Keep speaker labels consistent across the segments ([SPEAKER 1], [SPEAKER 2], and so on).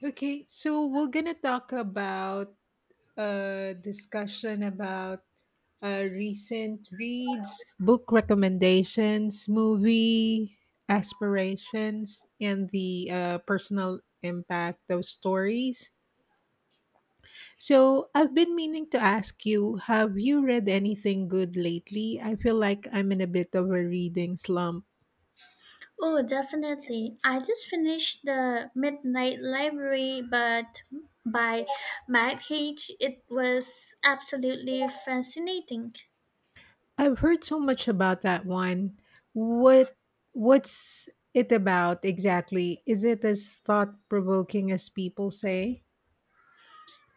[SPEAKER 1] Okay, so we're gonna talk about a discussion about recent reads, book recommendations, movie aspirations, and the personal impact of stories. So I've been meaning to ask you, have you read anything good lately? I feel like I'm in a bit of a reading slump.
[SPEAKER 2] Oh, definitely. I just finished The Midnight Library but by Matt H. It was absolutely fascinating.
[SPEAKER 1] I've heard so much about that one. What what's it about exactly? Is it as thought-provoking as people say?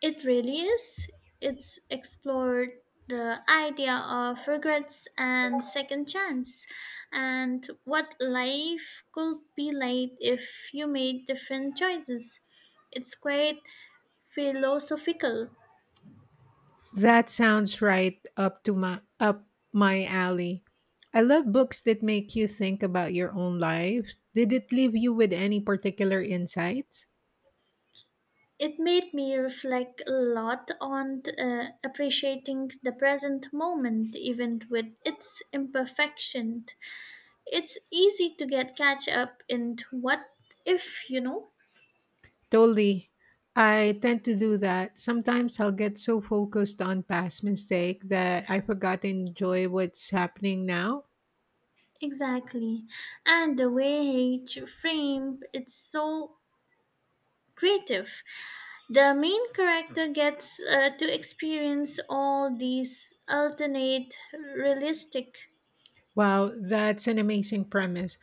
[SPEAKER 2] It really is. It's explored the idea of regrets and second chance and what life could be like if you made different choices. It's quite philosophical.
[SPEAKER 1] That sounds right up to my alley. I love books that make you think about your own life. Did it leave you with any particular insights?
[SPEAKER 2] It made me reflect a lot on appreciating the present moment, even with its imperfection. It's easy to get catch up in what if.
[SPEAKER 1] Totally. I tend to do that. Sometimes I'll get so focused on past mistake that I forgot to enjoy what's happening now.
[SPEAKER 2] Exactly. And the way he framed it's so creative. The main character gets to experience all these alternate realistic.
[SPEAKER 1] Wow, that's an amazing premise.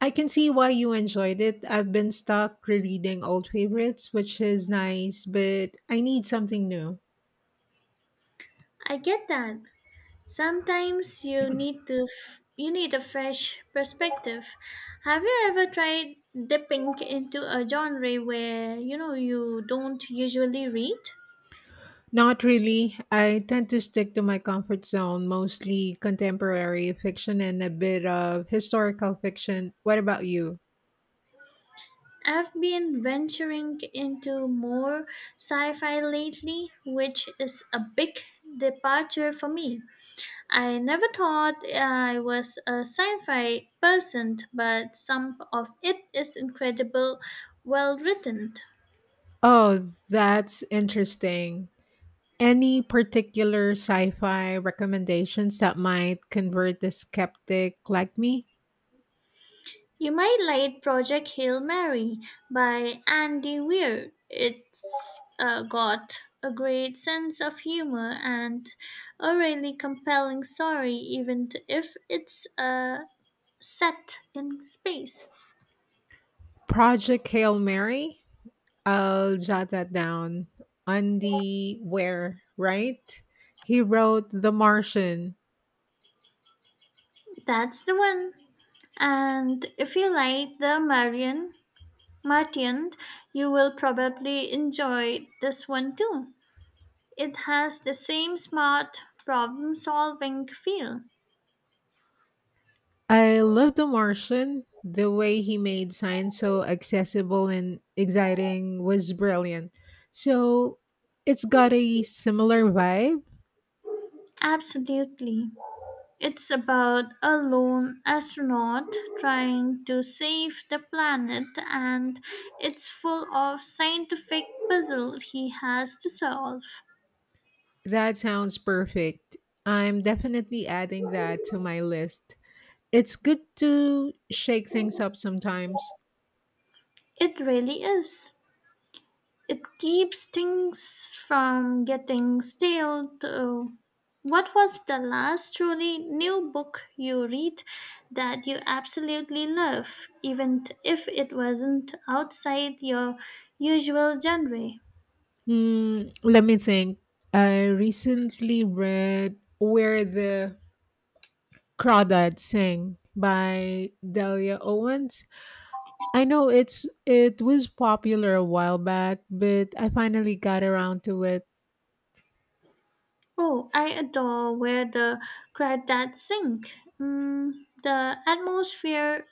[SPEAKER 1] I can see why you enjoyed it. I've been stuck rereading old favorites, which is nice, but I need something new.
[SPEAKER 2] I get that. Sometimes you need a fresh perspective. Have you ever tried dipping into a genre where you know you don't usually read?
[SPEAKER 1] Not really. I tend to stick to my comfort zone, mostly contemporary fiction and a bit of historical fiction. What about you?
[SPEAKER 2] I've been venturing into more sci-fi lately, which is a big departure for me. I never thought I was a sci-fi person, but some of it is incredible well written.
[SPEAKER 1] Oh, that's interesting. Any particular sci fi recommendations that might convert the skeptic like me?
[SPEAKER 2] You might like Project Hail Mary by Andy Weir. It's got a great sense of humor and a really compelling story, if it's set in space.
[SPEAKER 1] Project Hail Mary? I'll jot that down. Andy Ware, right? He wrote The Martian.
[SPEAKER 2] That's the one. And if you like the Marian Martian, you will probably enjoy this one too. It has the same smart problem solving feel.
[SPEAKER 1] I love The Martian. The way he made science so accessible and exciting was brilliant. So it's got a similar vibe.
[SPEAKER 2] Absolutely. It's about a lone astronaut trying to save the planet, and it's full of scientific puzzles he has to solve.
[SPEAKER 1] That sounds perfect. I'm definitely adding that to my list. It's good to shake things up sometimes.
[SPEAKER 2] It really is. It keeps things from getting stale, too. What was the last truly new book you read that you absolutely love, even if it wasn't outside your usual genre?
[SPEAKER 1] Hmm, let me think. I recently read Where the Crawdads Sing by Delia Owens. I know it was popular a while back, but I finally got around to it.
[SPEAKER 2] Oh, I adore where the crawdads sing. Mm, the atmosphere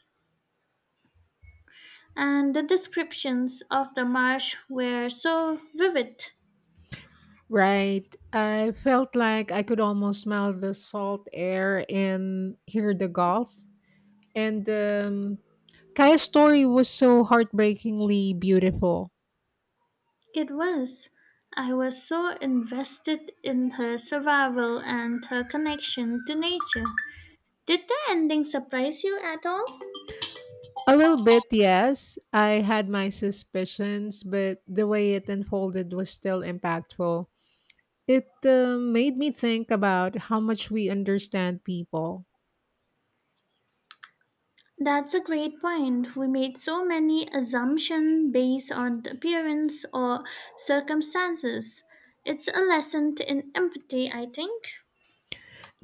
[SPEAKER 2] and the descriptions of the marsh were so vivid.
[SPEAKER 1] Right. I felt like I could almost smell the salt air and hear the gulls. And Kaya's story was so heartbreakingly beautiful.
[SPEAKER 2] It was. I was so invested in her survival and her connection to nature. Did the ending surprise you at all?
[SPEAKER 1] A little bit, yes. I had my suspicions, but the way it unfolded was still impactful. It made me think about how much we understand people,
[SPEAKER 2] That's a great point. We made so many assumptions based on the appearance or circumstances. It's a lesson in empathy, I think.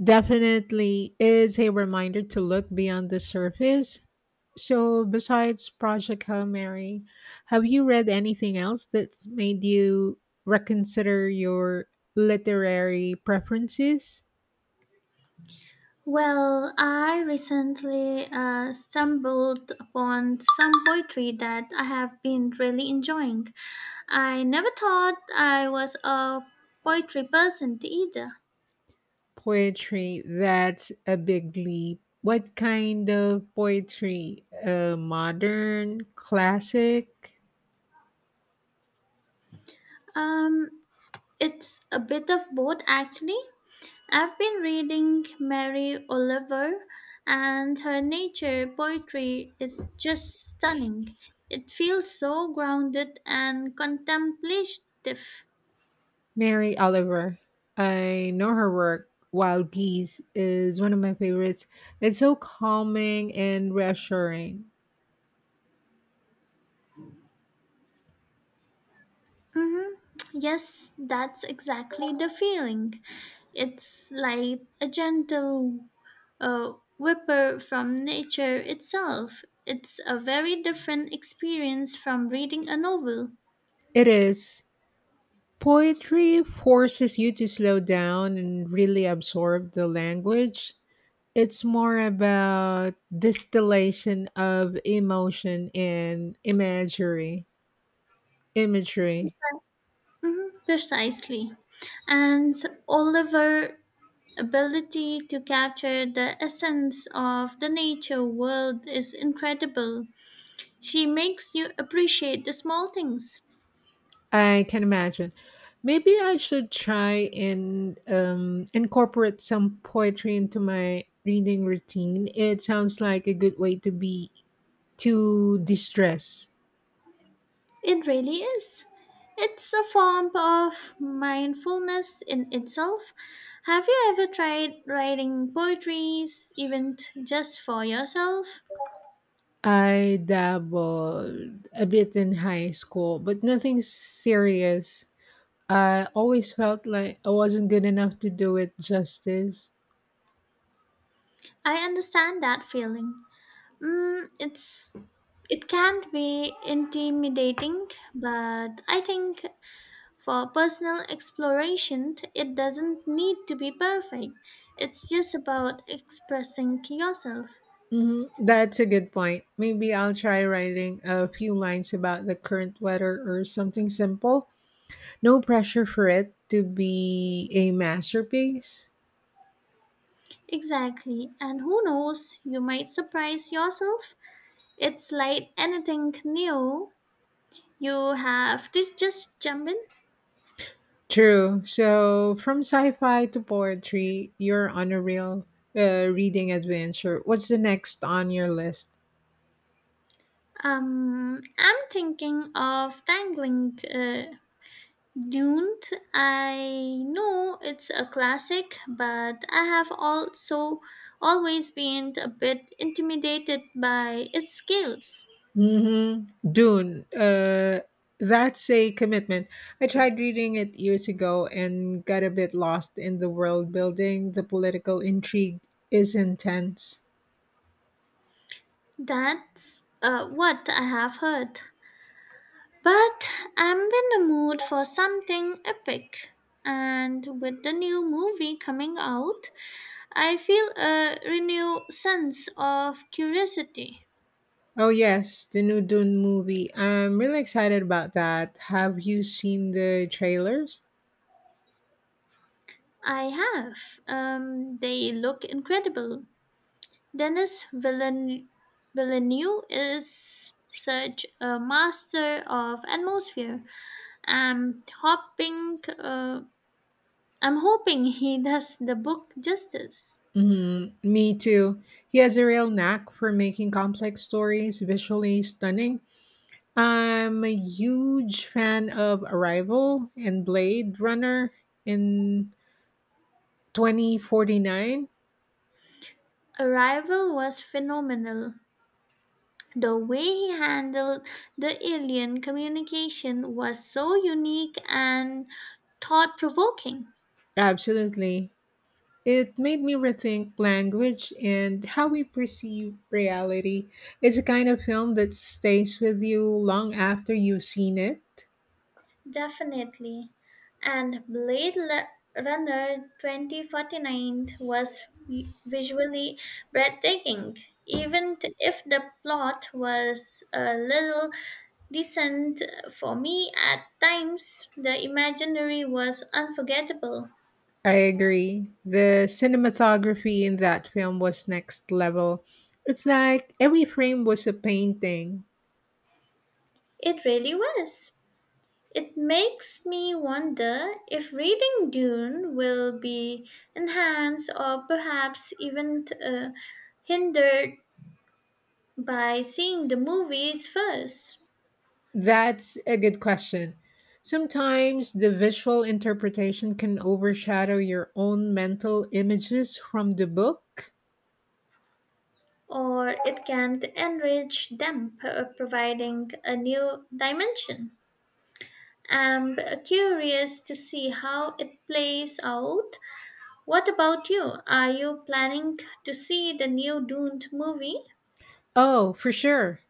[SPEAKER 1] definitely is a reminder to look beyond the surface. So, besides Project Hail Mary, have you read anything else that's made you reconsider your literary preferences?
[SPEAKER 2] Well, I recently stumbled upon some poetry that I have been really enjoying. I never thought I was a poetry person either.
[SPEAKER 1] Poetry, that's a big leap. What kind of poetry? Modern, classic?
[SPEAKER 2] Um, it's a bit of both actually. I've been reading Mary Oliver, and her nature poetry is just stunning. It feels so grounded and contemplative.
[SPEAKER 1] Mary Oliver. I know her work, Wild Geese, is one of my favorites. It's so calming and reassuring.
[SPEAKER 2] Hmm, yes, that's exactly the feeling. It's like a gentle uh, whipper from nature itself. It's a very different experience from reading a novel.
[SPEAKER 1] It is. Poetry forces you to slow down and really absorb the language. It's more about distillation of emotion and imagery. Imagery.
[SPEAKER 2] Mhm, precisely. And Oliver ability to capture the essence of the nature world is incredible. She makes you appreciate the small things.
[SPEAKER 1] I can imagine. Maybe I should try and incorporate some poetry into my reading routine. It sounds like a good way to be to distress.
[SPEAKER 2] It really is. It's a form of mindfulness in itself. Have you ever tried writing poetry, just for yourself?
[SPEAKER 1] I dabbled a bit in high school, but nothing serious. I always felt like I wasn't good enough to do it justice.
[SPEAKER 2] I understand that feeling. Mm, it can be intimidating, but I think for personal exploration, it doesn't need to be perfect. It's just about expressing yourself.
[SPEAKER 1] Hmm That's a good point. Maybe I'll try writing a few lines about the current weather or something simple. No pressure for it to be a masterpiece.
[SPEAKER 2] Exactly, and who knows, you might surprise yourself. It's like anything new, you have to just jump in.
[SPEAKER 1] True. So, from sci fi to poetry, you're on a real reading adventure. What's the next on your list?
[SPEAKER 2] I'm thinking of tangling. Dune, I know it's a classic, but I have also always been a bit intimidated by its scales.
[SPEAKER 1] Mm-hmm. Dune. That's a commitment. I tried reading it years ago and got a bit lost in the world building. The political intrigue is intense.
[SPEAKER 2] That's what I have heard. But I'm in the mood for something epic. And with the new movie coming out, I feel a renewed sense of curiosity.
[SPEAKER 1] Oh, yes, the new Dune movie. I'm really excited about that. Have you seen the trailers?
[SPEAKER 2] I have. They look incredible. Denis Villen- Villeneuve is such a master of atmosphere. I'm hoping, uh, I'm hoping he does the book justice.
[SPEAKER 1] Hmm Me too. He has a real knack for making complex stories visually stunning. I'm a huge fan of Arrival and Blade Runner in 2049.
[SPEAKER 2] Arrival was phenomenal. The way he handled the alien communication was so unique and thought provoking.
[SPEAKER 1] Absolutely. It made me rethink language and how we perceive reality. It's a kind of film that stays with you long after you've seen it.
[SPEAKER 2] Definitely. And Runner 2049 was visually breathtaking, if the plot was a little decent for me at times, the imaginary was unforgettable.
[SPEAKER 1] I agree. The cinematography in that film was next level. It's like every frame was a painting.
[SPEAKER 2] It really was. It makes me wonder if reading Dune will be enhanced or perhaps even hindered by seeing the movies first,
[SPEAKER 1] That's a good question. Sometimes the visual interpretation can overshadow your own mental images from the book.
[SPEAKER 2] or it can enrich them, providing a new dimension. I'm curious to see how it plays out. What about you? Are you planning to see the new Dune movie?
[SPEAKER 1] Oh, for sure.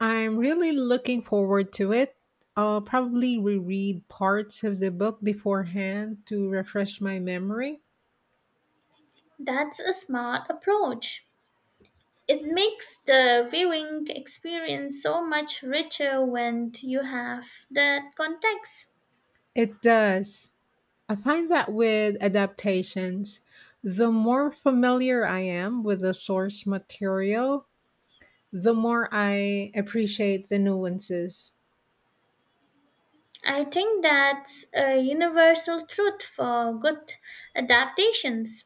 [SPEAKER 1] I'm really looking forward to it. I'll probably reread parts of the book beforehand to refresh my memory.
[SPEAKER 2] That's a smart approach. It makes the viewing experience so much richer when you have that context.
[SPEAKER 1] It does. I find that with adaptations, the more familiar I am with the source material, the more I appreciate the nuances.
[SPEAKER 2] I think that's a universal truth for good adaptations.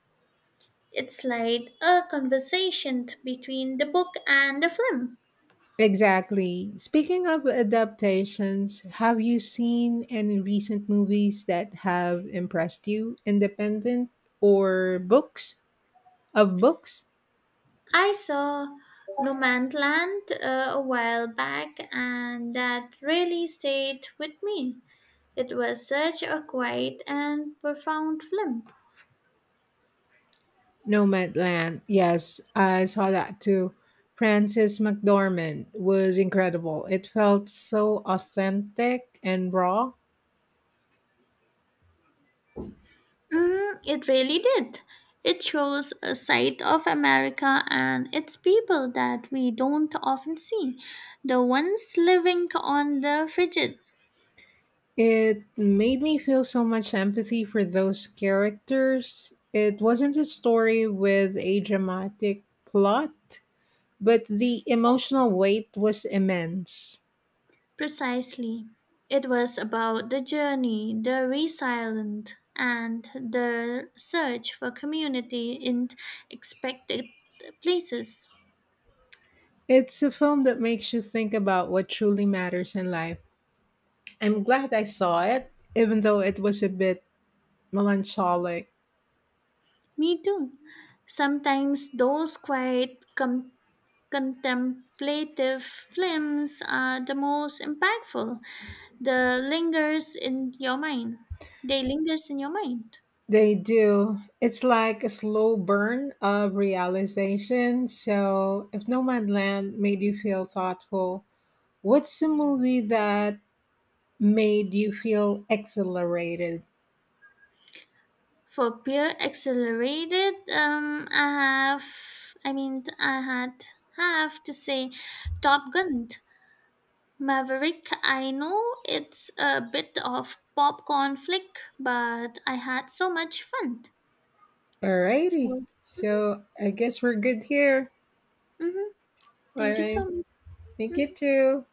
[SPEAKER 2] It's like a conversation between the book and the film.
[SPEAKER 1] Exactly. Speaking of adaptations, have you seen any recent movies that have impressed you, independent or books?
[SPEAKER 2] I saw Nomadland a while back, and that really stayed with me. It was such a quiet and profound film.
[SPEAKER 1] Nomadland. Yes, I saw that too. Frances McDormand was incredible. It felt so authentic and raw.
[SPEAKER 2] Mm, it really did. It shows a side of America and its people that we don't often see, the ones living on the frigid.
[SPEAKER 1] It made me feel so much empathy for those characters. It wasn't a story with a dramatic plot, but the emotional weight was immense.
[SPEAKER 2] Precisely. It was about the journey, the resilience, and the search for community in expected places.
[SPEAKER 1] It's a film that makes you think about what truly matters in life. I'm glad I saw it, even though it was a bit melancholic.
[SPEAKER 2] Me too. Sometimes those quiet, contemplative films are the most impactful. The lingers in your mind. They lingers in your mind.
[SPEAKER 1] They do. It's like a slow burn of realization. So, if Nomadland made you feel thoughtful, what's the movie that made you feel exhilarated?
[SPEAKER 2] For peer accelerated, I have, I mean, I had have to say, Top Gun, Maverick. I know it's a bit of popcorn flick, but I had so much fun.
[SPEAKER 1] Alrighty.
[SPEAKER 2] So,
[SPEAKER 1] So, I guess we're good here.
[SPEAKER 2] hmm,
[SPEAKER 1] All
[SPEAKER 2] thank you so
[SPEAKER 1] right.
[SPEAKER 2] much.
[SPEAKER 1] Thank you
[SPEAKER 2] Mhm.
[SPEAKER 1] too.